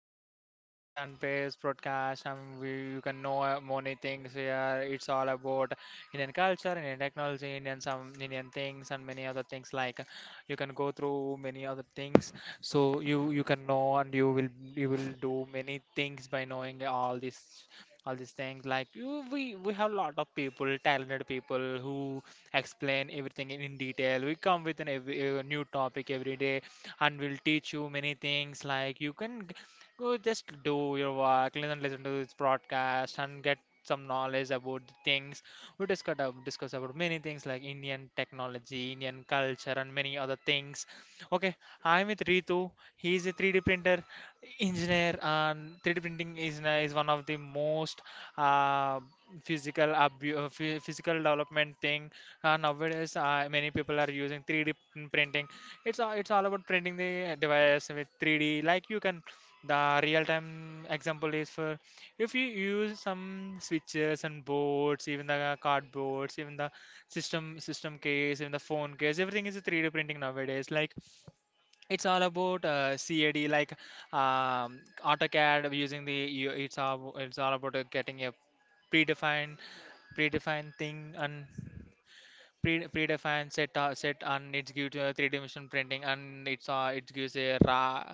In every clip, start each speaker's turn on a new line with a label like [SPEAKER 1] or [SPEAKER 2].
[SPEAKER 1] Indian channel, Indian fan page broadcast. You can know many things here. It's all about Indian culture, Indian technology, Indian some Indian things, and many other things like you can go through many other things. So you can know and you will do many things by knowing all these things like we have a lot of people talented people who explain everything in detail. We come with a new topic every day and will teach you many things. Like you can go just do your work, listen to this broadcast, and get some knowledge about the things. We discuss about many things like Indian technology, Indian culture, and many other things. Okay, I'm with Ritu. He's a 3D printer engineer, and 3D printing is is one of the most uh, physical development thing. Nowadays, many people are using 3D printing. It's all about printing the device with 3D. Like you can, the real time example is, for if you use some switches and boards, even the cardboards, even the system case, even the phone case, everything is a 3D printing nowadays. Like it's all about CAD, like AutoCAD using the it's all about getting a predefined predefined thing and predefined set, and it gives you three-dimensional printing. And it's it gives a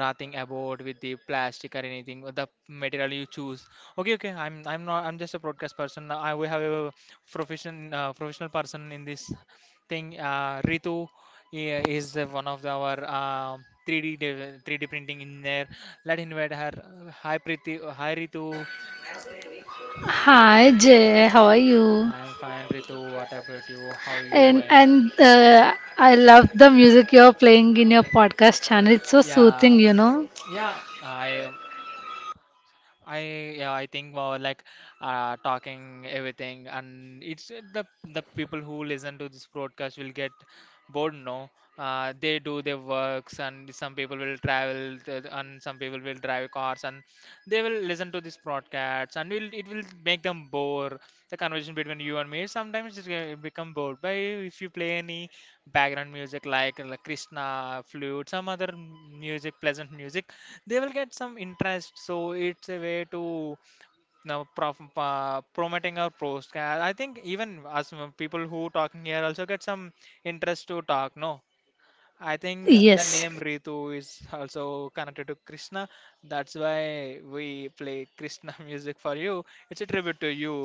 [SPEAKER 1] raw thing about with the plastic or anything or the material you choose. Okay, okay, I'm not I'm just a broadcast person. I, we have a professional person in this thing, Ritu is the one of the, our 3d printing in there. Let invite her. Hi Priti, hi Ritu.
[SPEAKER 2] Hi Jay, how are you?
[SPEAKER 1] I'm fine, Ritu. What about you? How you
[SPEAKER 2] And
[SPEAKER 1] going?
[SPEAKER 2] and uh, I love the music you're playing in your podcast channel. It's so soothing,
[SPEAKER 1] Yeah,
[SPEAKER 2] you know.
[SPEAKER 1] yeah. I yeah, I think, well, like talking everything. And it's the people who listen to this broadcast will get bored, no? They do their works. And some people will drive cars and they will listen to this broadcast and will it will make them bore. The conversation between you and me sometimes it will become bored. But if you play any background music, like Krishna flute, some other music, pleasant music, they will get some interest. So it's a way to now promoting our podcast. I think even us, people who talking here also get some interest to talk, no? I think the
[SPEAKER 2] Yes,
[SPEAKER 1] name Ritu is also connected to Krishna. That's why we play Krishna music for you. It's a tribute to you.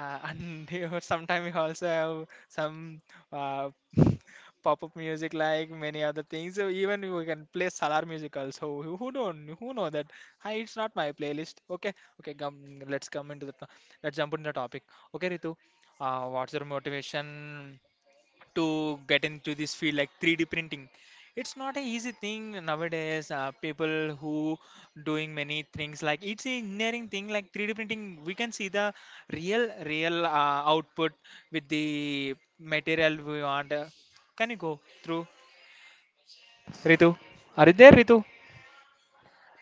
[SPEAKER 1] And you, sometimes we also have some uh, pop-up music, like many other things. So even we can play Salar music also. Who don't, who know that? Hi, it's not my playlist. Okay, okay. Let's come into the to- let's jump into the topic. Okay, Ritu, what's your motivation to get into this field like 3D printing? It's not an easy thing nowadays. People who doing many things, like it's an engineering thing like 3D printing. We can see the real output with the material we want. Can you go through, Ritu? Are you there, Ritu?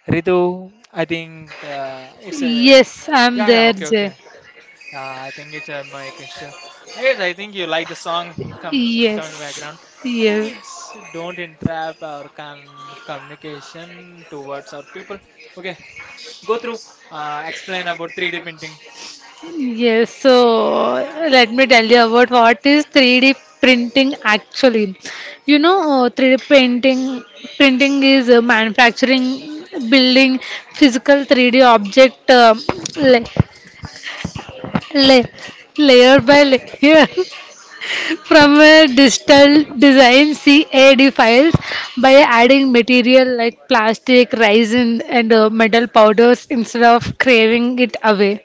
[SPEAKER 1] Ritu, I think it's a,
[SPEAKER 2] yes, I'm
[SPEAKER 1] yeah, yeah,
[SPEAKER 2] there,
[SPEAKER 1] okay,
[SPEAKER 2] Jay.
[SPEAKER 1] okay. Yeah, I think it's my question. I guess, I think you like the song come coming
[SPEAKER 2] Yes,
[SPEAKER 1] background. I think
[SPEAKER 2] yes,
[SPEAKER 1] it's don't entrap our communication towards our people. Okay, go through. Explain about 3D printing.
[SPEAKER 2] yes. So let me tell you about what is 3D printing actually. You know, 3D printing is manufacturing, building physical 3D object. Like La- layer by layer from a digital design CAD files by adding material like plastic, resin, and metal powders instead of craving it away.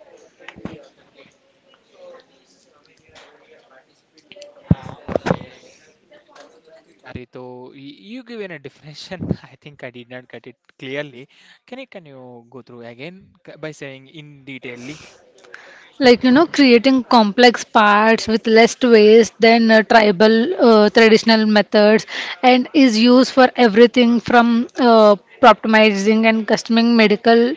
[SPEAKER 1] Yeah, Ritu, you given a definition. I think I did not get it clearly. Can you go through again by saying in detailly?
[SPEAKER 2] Like creating complex parts with less waste than tribal traditional methods and is used for everything from optimizing and customing medical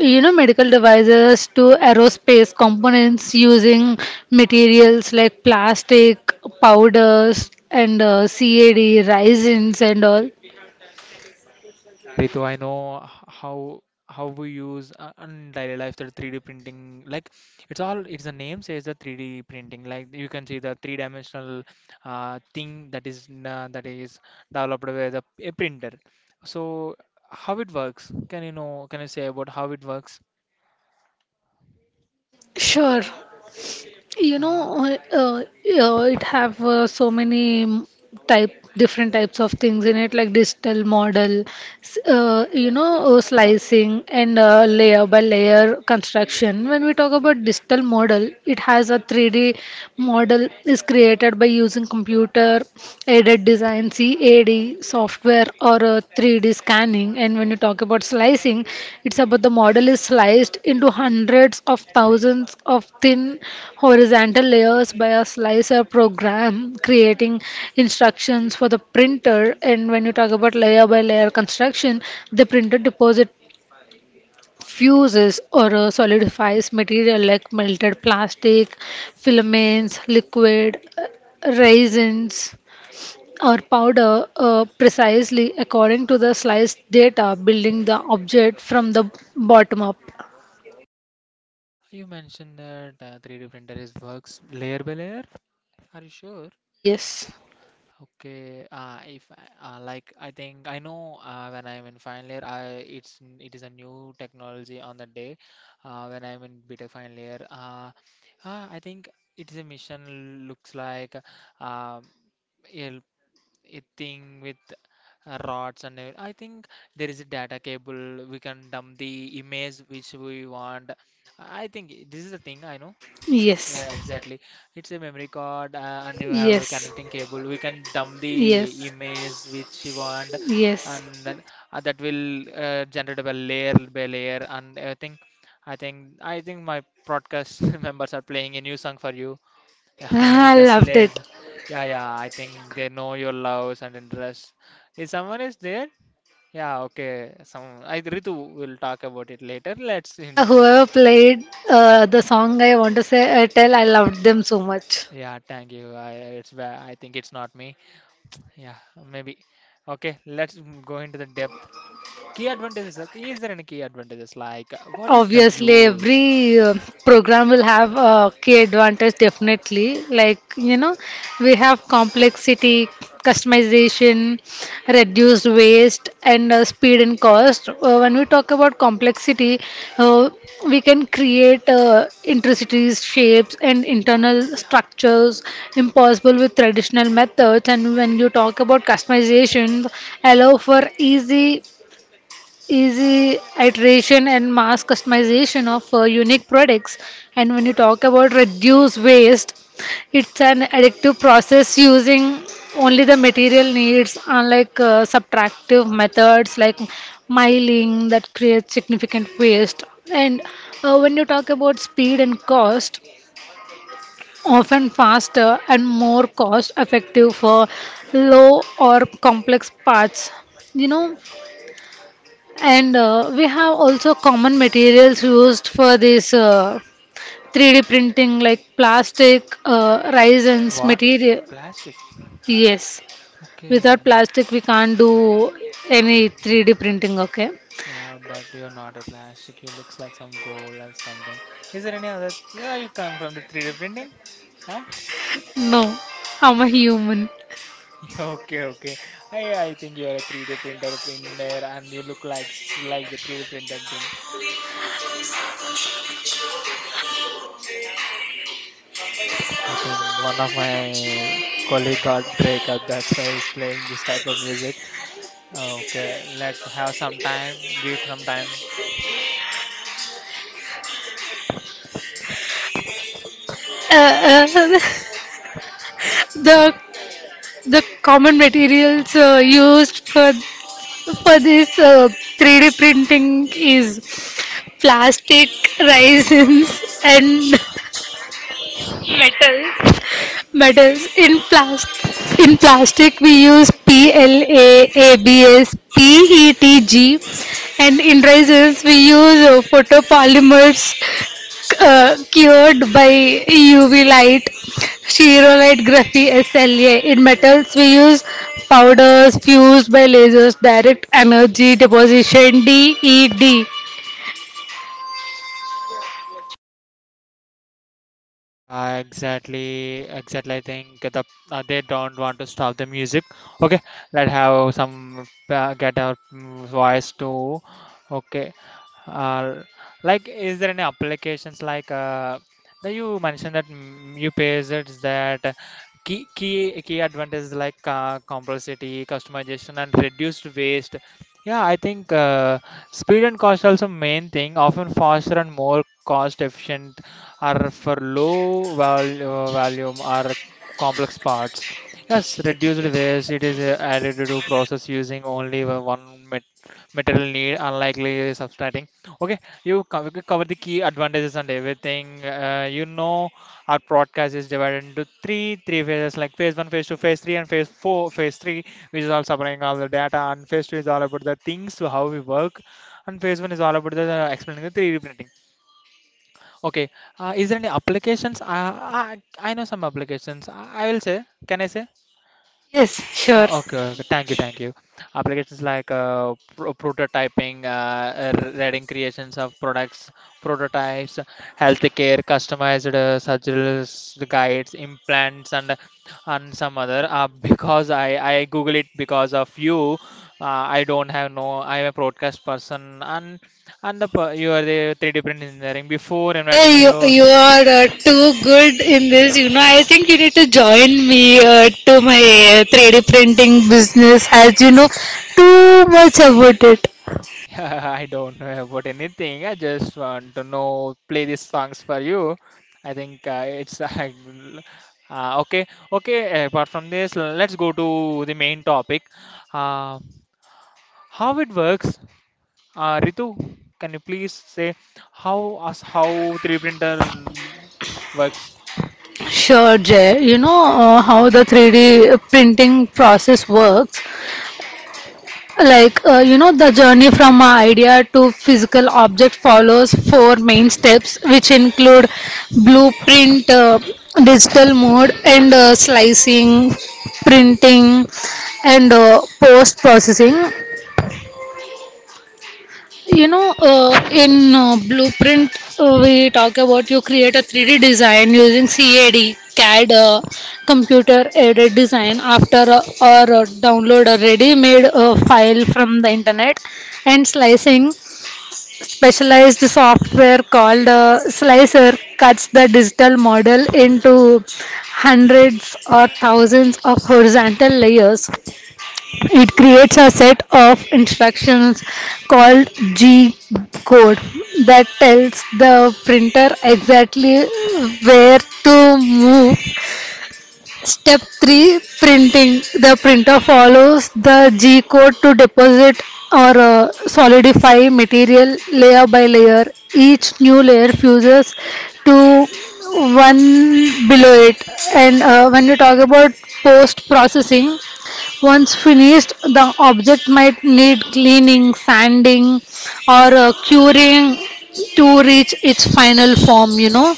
[SPEAKER 2] you know medical devices to aerospace components using materials like plastic powders and cad resins and all.
[SPEAKER 1] Yeah, Ritu, I know how we use in daily life the 3D printing. Like it's all, it's the name says the 3D printing. Like you can see the three-dimensional thing that is n- that is developed by the a printer. So how it works? Can you know? Can you say about how it works?
[SPEAKER 2] Sure. You
[SPEAKER 1] Uh,
[SPEAKER 2] know, it have so many type different types of things in it like digital model, slicing and layer by layer construction. When we talk about digital model, it has a 3D model is created by using computer aided design CAD software or a 3D scanning. And when you talk about slicing, it's about the model is sliced into hundreds of thousands of thin horizontal layers by a slicer program, creating instructions for the printer. And when you talk about layer by layer construction, the printer deposit fuses or solidifies material like melted plastic, filaments, liquid, resins or powder precisely according to the slice data, building the object from the bottom up.
[SPEAKER 1] you mentioned that 3D printer is works layer by layer. Are you sure?
[SPEAKER 2] Yes,
[SPEAKER 1] Okay, if I- like I think I know when I'm in final year, I, it's it is a new technology on the day. When I'm in BTech final year, I think it is a mission. Looks like um, a, a thing with rods. And I think there is a data cable, we can dump the image which we want. I think this is the thing I know.
[SPEAKER 2] yes,
[SPEAKER 1] Yeah, exactly. It's a memory card, and you have a
[SPEAKER 2] yes,
[SPEAKER 1] connecting cable. We can dump the
[SPEAKER 2] yes,
[SPEAKER 1] image which you want,
[SPEAKER 2] yes.
[SPEAKER 1] and then, that will generate by layer by layer. And I think my broadcast members are playing a new song for you. Yeah,
[SPEAKER 2] I
[SPEAKER 1] just
[SPEAKER 2] loved it.
[SPEAKER 1] less. Yeah, yeah. I think they know your loves and interests. Is someone is there? Yeah, okay. Some I, Ritu, will talk about it later. Let's, in,
[SPEAKER 2] Yeah, whoever played the song, I want to say, I tell I loved them so much.
[SPEAKER 1] yeah, thank you. I, it's I think it's not me. Yeah, maybe. Okay, let's go into the depth. Key advantages. Is there any key advantages? Like, what is the
[SPEAKER 2] Obviously,
[SPEAKER 1] use?
[SPEAKER 2] every program will have a key advantage, definitely. Like, you know, we have complexity, customization, reduced waste, and speed and cost. When we talk about complexity, uh, we can create intricacies, shapes, and internal structures impossible with traditional methods. And when you talk about customization, allow for easy iteration and mass customization of unique products. And when you talk about reduce waste, it's an additive process using only the material needs, unlike subtractive methods like miling that creates significant waste. And when you talk about speed and cost, often faster and more cost effective for low or complex parts. You know and uh, we have also common materials used for this 3D printing like plastic, resins,
[SPEAKER 1] What?
[SPEAKER 2] material.
[SPEAKER 1] Plastic.
[SPEAKER 2] Yes,
[SPEAKER 1] Okay.
[SPEAKER 2] without plastic we can't do any 3D printing, okay?
[SPEAKER 1] Yeah, but you're not a plastic. You looks like some gold or something. Is there any other? Yeah, you come from the 3D printing? Huh?
[SPEAKER 2] No, I'm a human.
[SPEAKER 1] Okay, okay. I think you are a 3D printer engineer and you look like like the 3D printer thing. I think one of my colleague got breakup. That's why he's playing this type of music. Okay, let's have some time, give it some time.
[SPEAKER 2] Uh, uh, the the common materials used for this 3D printing is plastic, resins, and metals metals. In plastic we use PLA, ABS, PETG, and in resins we use photopolymers cured by UV light, stereolite graphy SLA. In metals we use powders fused by lasers, direct energy deposition DED.
[SPEAKER 1] Yeah, exactly, exactly. I think they don't want to stop the music. Okay, let's have some get our voice too. Okay, Uh, like, is there any applications like that you mentioned that you pays it that key advantages like complexity, customization, and reduced waste. Yeah, I think speed and cost also main thing. Often faster and more cost efficient are for low value volume or complex parts. Yes, reduced waste. It is added to process using only one material need unlikely substrating. Okay, you we cover the key advantages and everything. You know, our podcast is divided into three phases, like phase one, phase two, phase three, and phase four. Phase three, which is all covering all the data, and phase two is all about the things, so how we work, and phase one is all about the explaining the 3D printing. Okay, is there any applications? I know some applications. I will say, can I say?
[SPEAKER 2] Yes. Sure.
[SPEAKER 1] Okay, okay. Thank you, thank you. Applications like prototyping, reading creations of products, prototypes, healthcare, customized surgical guides, implants, and some other. Because I Google it because of you. I don't have, no. I'm a broadcast person, and the you are the 3D print engineering. Before inviting
[SPEAKER 2] Jay, you,
[SPEAKER 1] you.
[SPEAKER 2] you are too good in this. You know, I think you need to join me to my 3D printing business as you know too much about it.
[SPEAKER 1] I don't know about anything. I just want to know, play these songs for you. I think it's okay. Okay, apart from this, let's go to the main topic. Uh, how it works, Ritu? Can you please say how us how 3D printer works?
[SPEAKER 2] Sure, Jay. You know, how the 3D printing process works. Like, the journey from a idea to physical object follows four main steps, which include blueprint, digital mode, and slicing, printing, and post processing. You know, in Blueprint, we talk about you create a 3D design using CAD, computer aided design after or download a ready made file from the internet and slicing. Specialized software called Slicer cuts the digital model into hundreds or thousands of horizontal layers. It creates a set of instructions called G code that tells the printer exactly where to move. Step 3 printing. The printer follows the G code to deposit or solidify material layer by layer. Each new layer fuses to one below it. And when you talk about post processing, once finished, the object might need cleaning, sanding, or curing to reach its final form.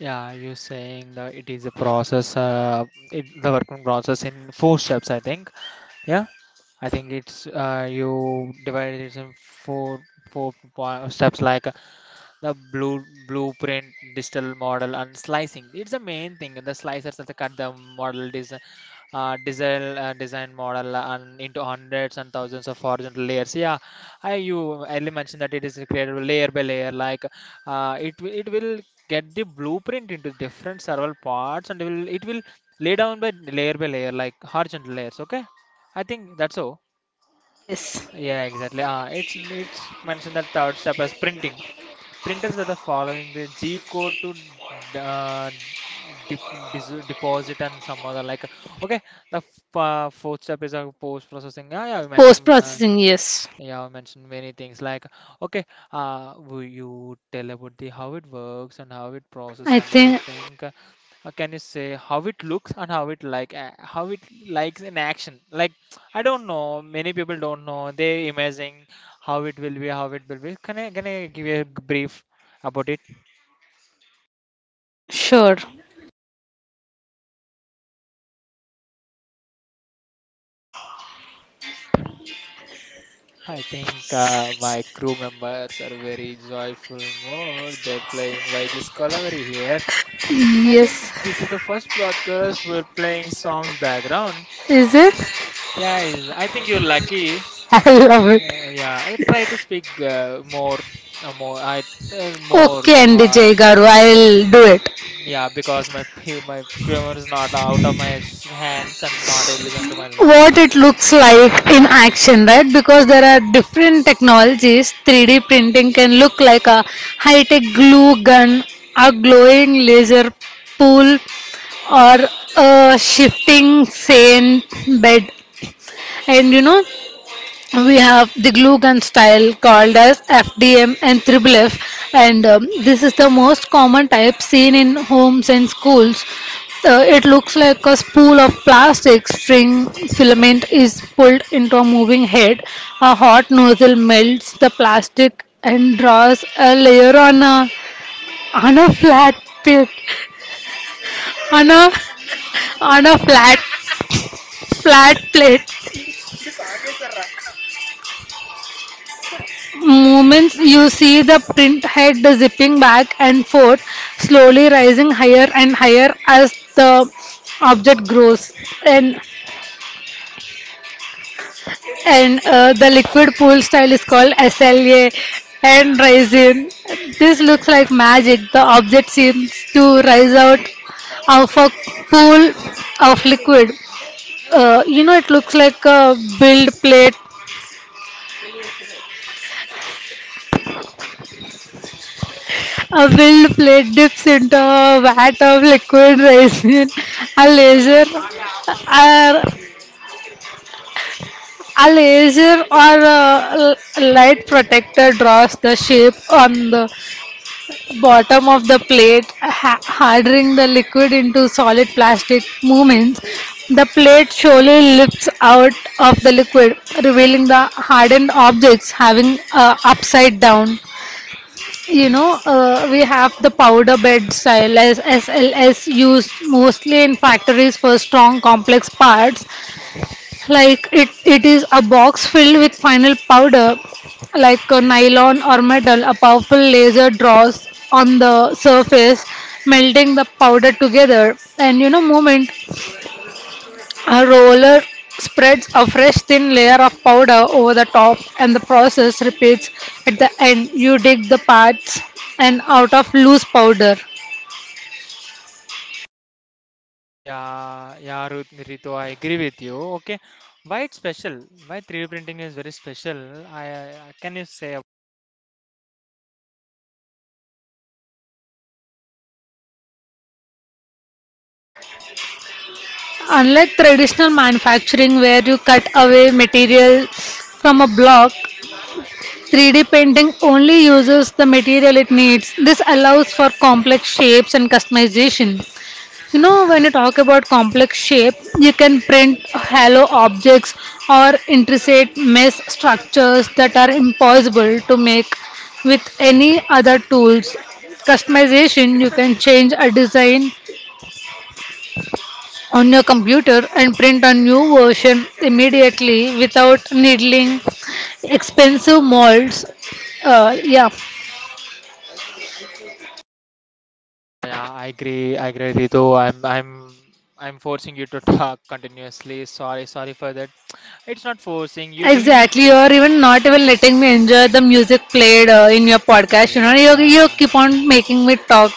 [SPEAKER 1] Yeah, you're saying that it is a process, it, the working process in four steps, I think. I think it's you divide it in four four steps like the blueprint, digital model, and slicing. It's the main thing. The slicers that cut the model design, design model, and into hundreds and thousands of horizontal layers. Yeah, I you earlier mentioned that it is created layer by layer. Like it will get the blueprint into different several parts, and it will lay down by layer, like horizontal layers. Okay, I think that's all.
[SPEAKER 2] Yes,
[SPEAKER 1] Yeah, exactly. It's mentioned that third step as printing. Printers are the following the G code to d- uh, dep deposit and some other, like okay. The f fourth step is post processing. Yeah,
[SPEAKER 2] post processing, yes.
[SPEAKER 1] yeah, we mentioned many things like okay, will you tell about the how it works and how it process
[SPEAKER 2] I
[SPEAKER 1] and
[SPEAKER 2] think.
[SPEAKER 1] everything? Can you say how it looks and how it like how it likes in action? Like, I don't know, many people don't know, they imagining how it will be, how it will be. Can I give you a brief about it?
[SPEAKER 2] Sure.
[SPEAKER 1] I think my crew members are very joyful mood, they're playing by this discovery here. I think
[SPEAKER 2] Yes,
[SPEAKER 1] this is the first broadcast we're playing songs background.
[SPEAKER 2] is it?
[SPEAKER 1] Yeah, I think you're lucky.
[SPEAKER 2] I love it.
[SPEAKER 1] Yeah, yeah. I try to speak uh, more, I more
[SPEAKER 2] Okay, and
[SPEAKER 1] hard.
[SPEAKER 2] DJ Garu, I'll do it.
[SPEAKER 1] Yeah, because my my grammar is not out of my hands and not able to listen to my. La-
[SPEAKER 2] What it looks like in action, right? Because there are different technologies. 3D printing can look like a high tech glue gun, a glowing laser pool, or a shifting sand bed. And you know, we have the glue gun style called as FDM and Triple F, and this is the most common type seen in homes and schools. It looks like a spool of plastic string filament is pulled into a moving head. A hot nozzle melts the plastic and draws a layer on a flat pit on a on a flat plate. Moments you see the print head zipping back and forth, slowly rising higher and higher as the object grows. And and the liquid pool style is called SLA and rising. This looks like magic. The object seems to rise out of a pool of liquid. It looks like a build plate. A filled plate dips into a vat of liquid resin. A laser, a, a laser or a l- light protector draws the shape on the bottom of the plate, hardening the liquid into solid plastic movements. The plate slowly lifts out of the liquid, revealing the hardened objects having a upside down. You know, we have the powder bed style as SLS used mostly in factories for strong complex parts. Like it is a box filled with final powder, like a nylon or metal. A powerful laser draws on the surface, melting the powder together. And you know, moment a roller spreads a fresh thin layer of powder over the top and the process repeats. At the end, you dig the parts and out of loose powder.
[SPEAKER 1] yeah, yeah, Ritu, I agree with you. Okay, why it's special? Why 3D printing is very special? I, I, can you say? Ab-
[SPEAKER 2] Unlike traditional manufacturing where you cut away material from a block, 3D painting only uses the material it needs. This allows for complex shapes and customization. You know, when you talk about complex shape, you can print hollow objects or intricate mesh structures that are impossible to make with any other tools. Customization, you can change a design on your computer and print a new version immediately without needling expensive molds. Yeah,
[SPEAKER 1] yeah, yeah, I agree. I agree, Ritu. I'm forcing you to talk continuously. Sorry for that. It's not forcing. You giving a. G-
[SPEAKER 2] exactly, or even not even letting me enjoy the music played in your podcast. You
[SPEAKER 1] yeah.
[SPEAKER 2] know, you
[SPEAKER 1] Yeah.
[SPEAKER 2] keep on making me talk.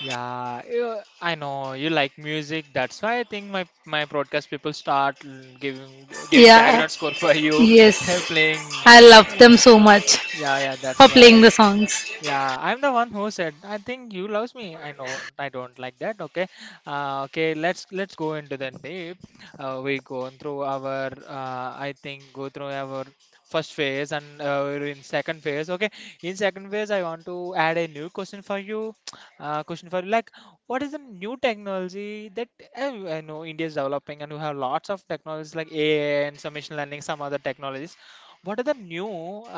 [SPEAKER 1] Yeah, you- I know you like music. That's why I think my broadcast people start giving
[SPEAKER 2] Yeah,
[SPEAKER 1] background score for you. They're
[SPEAKER 2] yes,
[SPEAKER 1] playing.
[SPEAKER 2] I love them so much
[SPEAKER 1] Yeah, yeah,
[SPEAKER 2] for
[SPEAKER 1] that's
[SPEAKER 2] playing
[SPEAKER 1] why.
[SPEAKER 2] the songs.
[SPEAKER 1] Yeah, I'm the one who said, I think you loves me. I know I don't like that. Okay. Okay, let's go into the deep. We go through our I think go through our first phase and we're in second phase. Okay. In second phase, I want to add a new question for you. Question for you like what is the new technology that I know India is developing and we have lots of technologies like AI and some machine learning, some other technologies. What are the new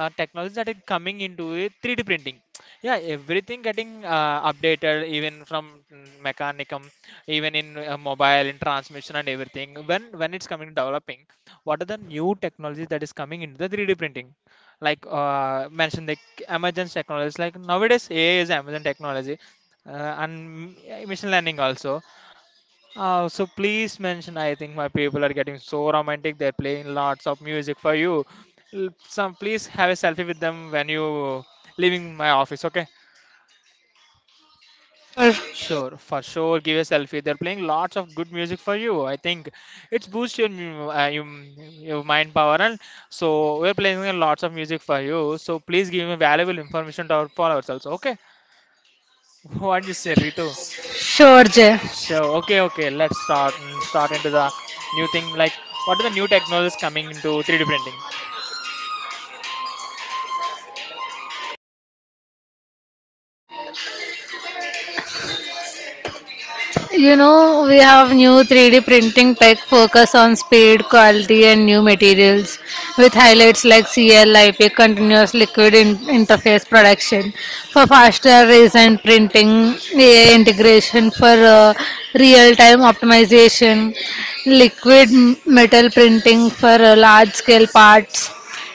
[SPEAKER 1] technologies that are coming into it 3d printing? Yeah, everything getting updated, even from mechanicum, even in mobile, in transmission and everything. When it's coming to developing, what are the new technologies that is coming into the 3D printing? Like mentioned, like Amazon technologies. Like nowadays, AI is Amazon technology, and mm, machine learning also. So please mention. I think my people are getting so romantic. They're playing lots of music for you. L- some please have a selfie with them when you leaving my office. Okay.
[SPEAKER 2] Sure,
[SPEAKER 1] Sure, for sure. Give a selfie. They're playing lots of good music for you. I think it's boost your your mind power, and so we're playing a lots of music for you. So please give me valuable information to our followers also. Okay, what you say, Ritu?
[SPEAKER 2] sure, Jay.
[SPEAKER 1] Sure. Okay, okay. Let's start and start into the new thing. Like, what are the new technologies coming into 3D printing?
[SPEAKER 2] You know, we have new 3D printing tech focus on speed, quality, and new materials with highlights like CLIP, continuous liquid interface production, for faster recent printing, AI integration for real time optimization, liquid metal printing for large scale parts,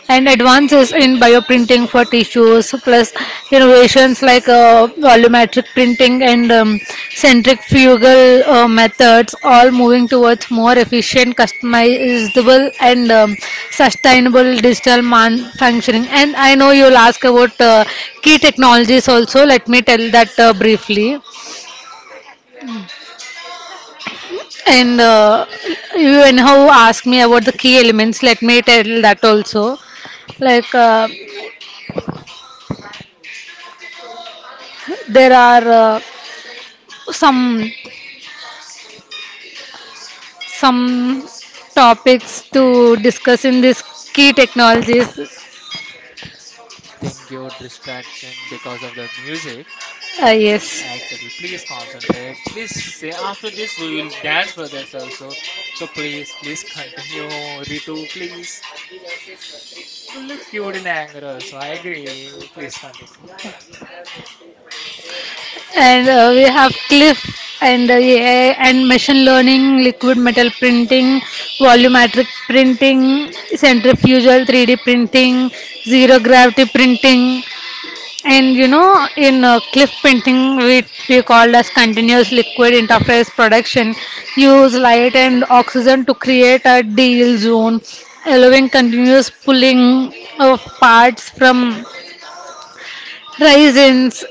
[SPEAKER 2] and advances in bioprinting for tissues, plus innovations like volumetric printing and centrifugal methods, all moving towards more efficient, customizable, and sustainable digital manufacturing. And I know you'll ask about key technologies also. Let me tell that briefly. And you anyhow ask me about the key elements. Let me tell that also, like there are uh, some some topics to discuss in this key technologies.
[SPEAKER 1] I think you're distracting because of the music.
[SPEAKER 2] Yes
[SPEAKER 1] Exactly. Please concentrate. Please say after this we will dance for this also. So please continue, Ritu. Please. You look cute in anger also. I agree. Please continue.
[SPEAKER 2] and we have cliff and AI and machine learning, liquid metal printing, volumetric printing, centrifugal 3D printing, zero gravity printing. And you know, in cliff painting, which we called as continuous liquid interface production, use light and oxygen to create a deal zone, allowing continuous pulling of parts from Raisins,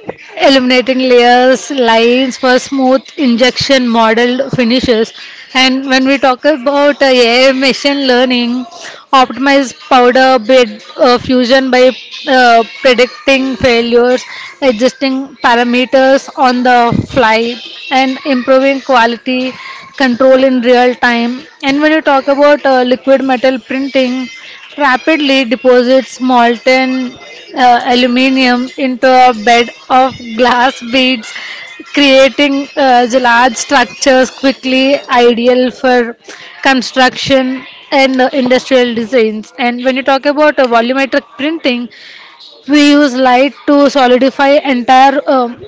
[SPEAKER 2] eliminating layers, lines for smooth injection model finishes. And when we talk about AI machine learning, optimize powder bed fusion by predicting failures, adjusting parameters on the fly, and improving quality control in real time. And when you talk about liquid metal printing, rapidly deposits molten aluminium into a bed of glass beads, creating large structures quickly, ideal for construction and industrial designs. And when you talk about volumetric printing, we use light to solidify entire. Um,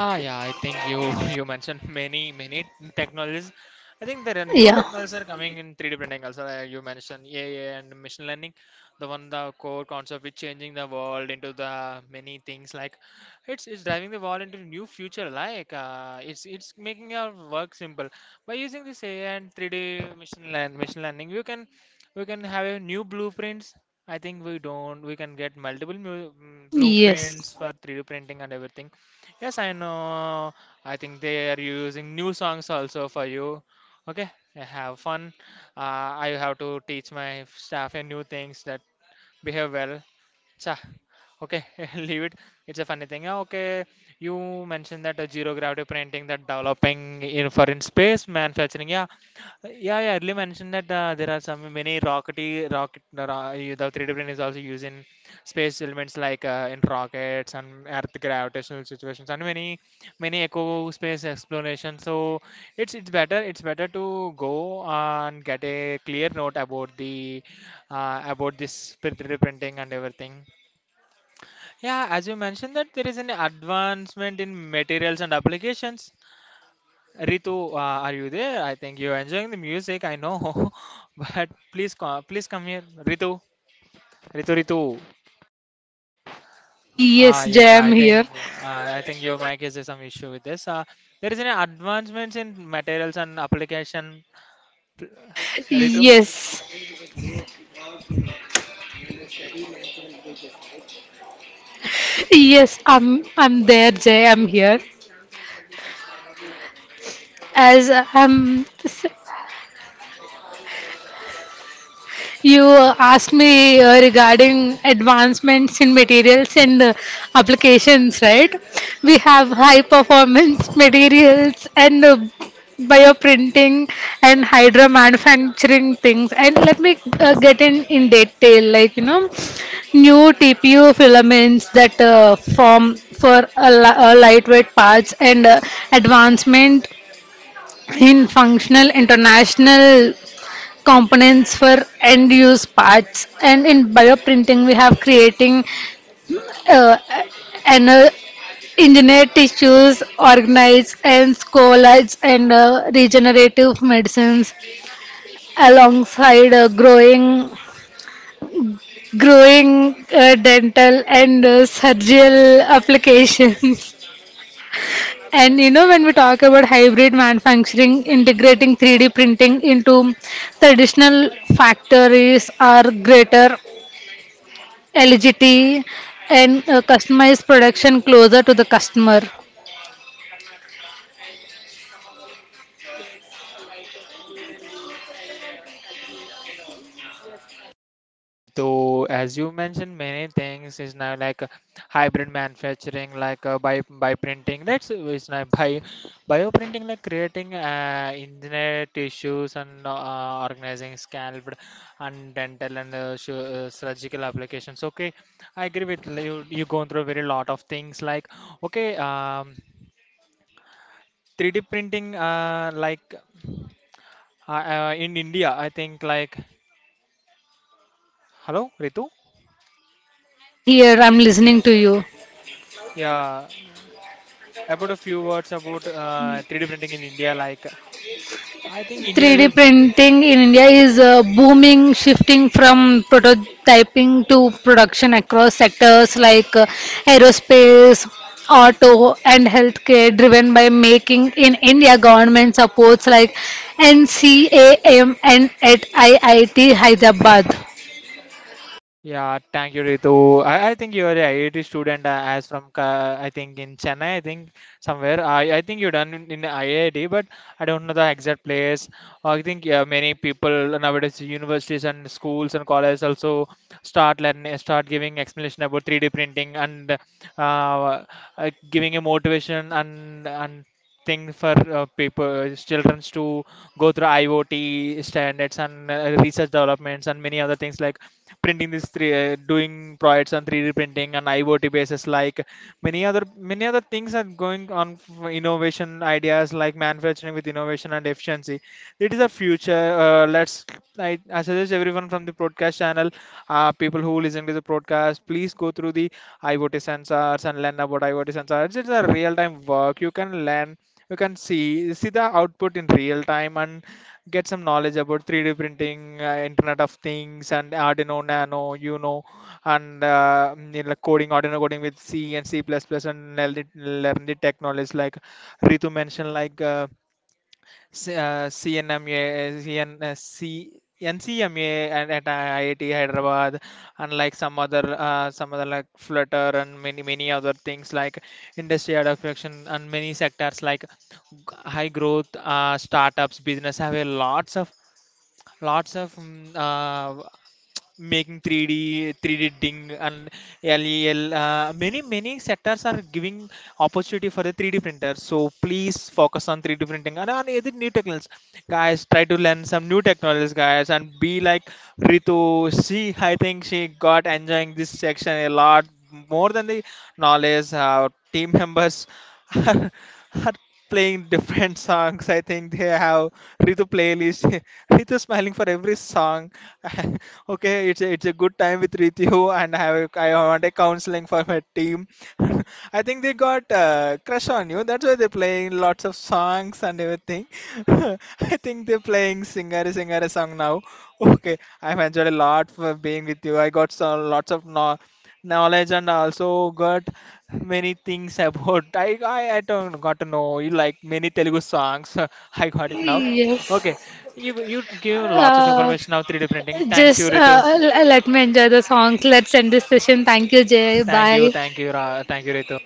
[SPEAKER 1] Ah, yeah, I think you you mentioned many technologies. I think there are new
[SPEAKER 2] yeah.
[SPEAKER 1] technologies are coming in 3D printing also. You mentioned AI and machine learning, the one the core concept which changing the world into the many things like it's driving the world into new future like uh, it's making our work simple by using this AI and 3D machine learn machine learning. You can we can have a new blueprints. I think we don't we can get multiple blueprints
[SPEAKER 2] Yes.
[SPEAKER 1] for 3D printing and everything. Yes, I know. I think they are using new songs also for you. Okay, have fun. I have to teach my staff a new things that behave well. Cha. Okay, leave it. It's a funny thing. Yeah. Okay, you mentioned that zero gravity printing, that developing in for in space manufacturing. Yeah, yeah, yeah. Earlier mentioned that there are some many rockety rocket. The 3D print is also used in space elements like in rockets and Earth gravitational situations and many eco space exploration. So it's better to go and get a clear note about the about this 3D printing and everything. Yeah, as you mentioned that there is an advancement in materials and applications. Ritu, are you there? I think you're enjoying the music, I know. But please come. Please come here. Ritu.
[SPEAKER 2] Yes,
[SPEAKER 1] Yeah,
[SPEAKER 2] Jay, I'm here.
[SPEAKER 1] I think your mic is some issue with this. There is an advancements in materials and application. Ritu?
[SPEAKER 2] Yes, yes, I'm there, Jay. I'm here. As I'm You asked me regarding advancements in materials and applications, right? We have high performance materials and bioprinting and hydro manufacturing things. And let me get in detail, like new TPU filaments that form for a lightweight parts and advancement in functional international components for end use parts and in bioprinting we have creating uh, an engineered tissues organized and collages and regenerative medicines alongside growing dental and surgical applications. And when we talk about hybrid manufacturing integrating 3D printing into traditional factories are greater LGT and customized production closer to the customer.
[SPEAKER 1] Ritu, as you mentioned, many things is now like hybrid manufacturing, like uh, by printing. That's it's now by bioprinting, like creating engineered tissues and organizing scalp and dental and surgical applications. Okay, I agree with you. You going through a very lot of things like okay, 3D printing, in India, I think like hello, Ritu.
[SPEAKER 2] I'm here, I'm listening to you.
[SPEAKER 1] Yeah. About a few words about 3D printing in India. Like, I think India
[SPEAKER 2] 3D
[SPEAKER 1] is a good.
[SPEAKER 2] printing in India is booming, shifting from prototyping to production across sectors like aerospace, auto, and healthcare, driven by making in India government supports like NCAM and at IIT Hyderabad.
[SPEAKER 1] Yeah, thank you, Ritu. I, think you are a IIT student, as from Ka- I think in Chennai, I think somewhere. I think you done in IIT, but I don't know the exact place. I think yeah, many people nowadays, universities and schools and colleges also start learning, start giving explanation about 3D printing and uh, giving a motivation and thing for people, children to go through IoT standards and research developments and many other things like printing this three, doing projects on 3D printing and IoT basis. Like many other things are going on for innovation ideas like manufacturing with innovation and efficiency. It is a future. Let's. I suggest everyone from the broadcast channel, people who listen to the broadcast, please go through the IoT sensors and learn about IoT sensors. It's a real-time work. You can learn you can see the output in real time and get some knowledge about 3d printing internet of things and arduino nano you know and like coding arduino coding with c and c++ plus plus, and learn the tech knowledge like ritu mentioned like C- uh, CNMA, CN, uh, C, NCMA and at IIT Hyderabad, unlike some other like Flutter and many other things like industry adaptation and many sectors like high growth startups business have a lots of making 3D, 3D-ding and LEL. Many many sectors are giving opportunity for the 3D printer. So please focus on 3D printing and on other new technologies, guys. Try to learn some new technologies, guys, and be like Ritu. She, I think she got enjoying this section a lot more than the knowledge. Our team members are, are playing different songs. I think they have Ritu playlist. Ritu smiling for every song. Okay, it's a good time with Ritu, and I have a- I want a counseling for my team. I think they got crush on you. That's why they're playing lots of songs and everything. I think they're playing singer song now. Okay, I've enjoyed a lot for being with you. I got so lots of knowledge and also got many things about. I don't got to know you like many Telugu songs. I got it now.
[SPEAKER 2] Yes.
[SPEAKER 1] Okay. You give lots of
[SPEAKER 2] Uh,
[SPEAKER 1] information of 3D printing. Thanks you,
[SPEAKER 2] Just
[SPEAKER 1] Ritu.
[SPEAKER 2] let me enjoy the songs. Let's end this session. Thank you, Jay. Bye.
[SPEAKER 1] Thank you, Ritu.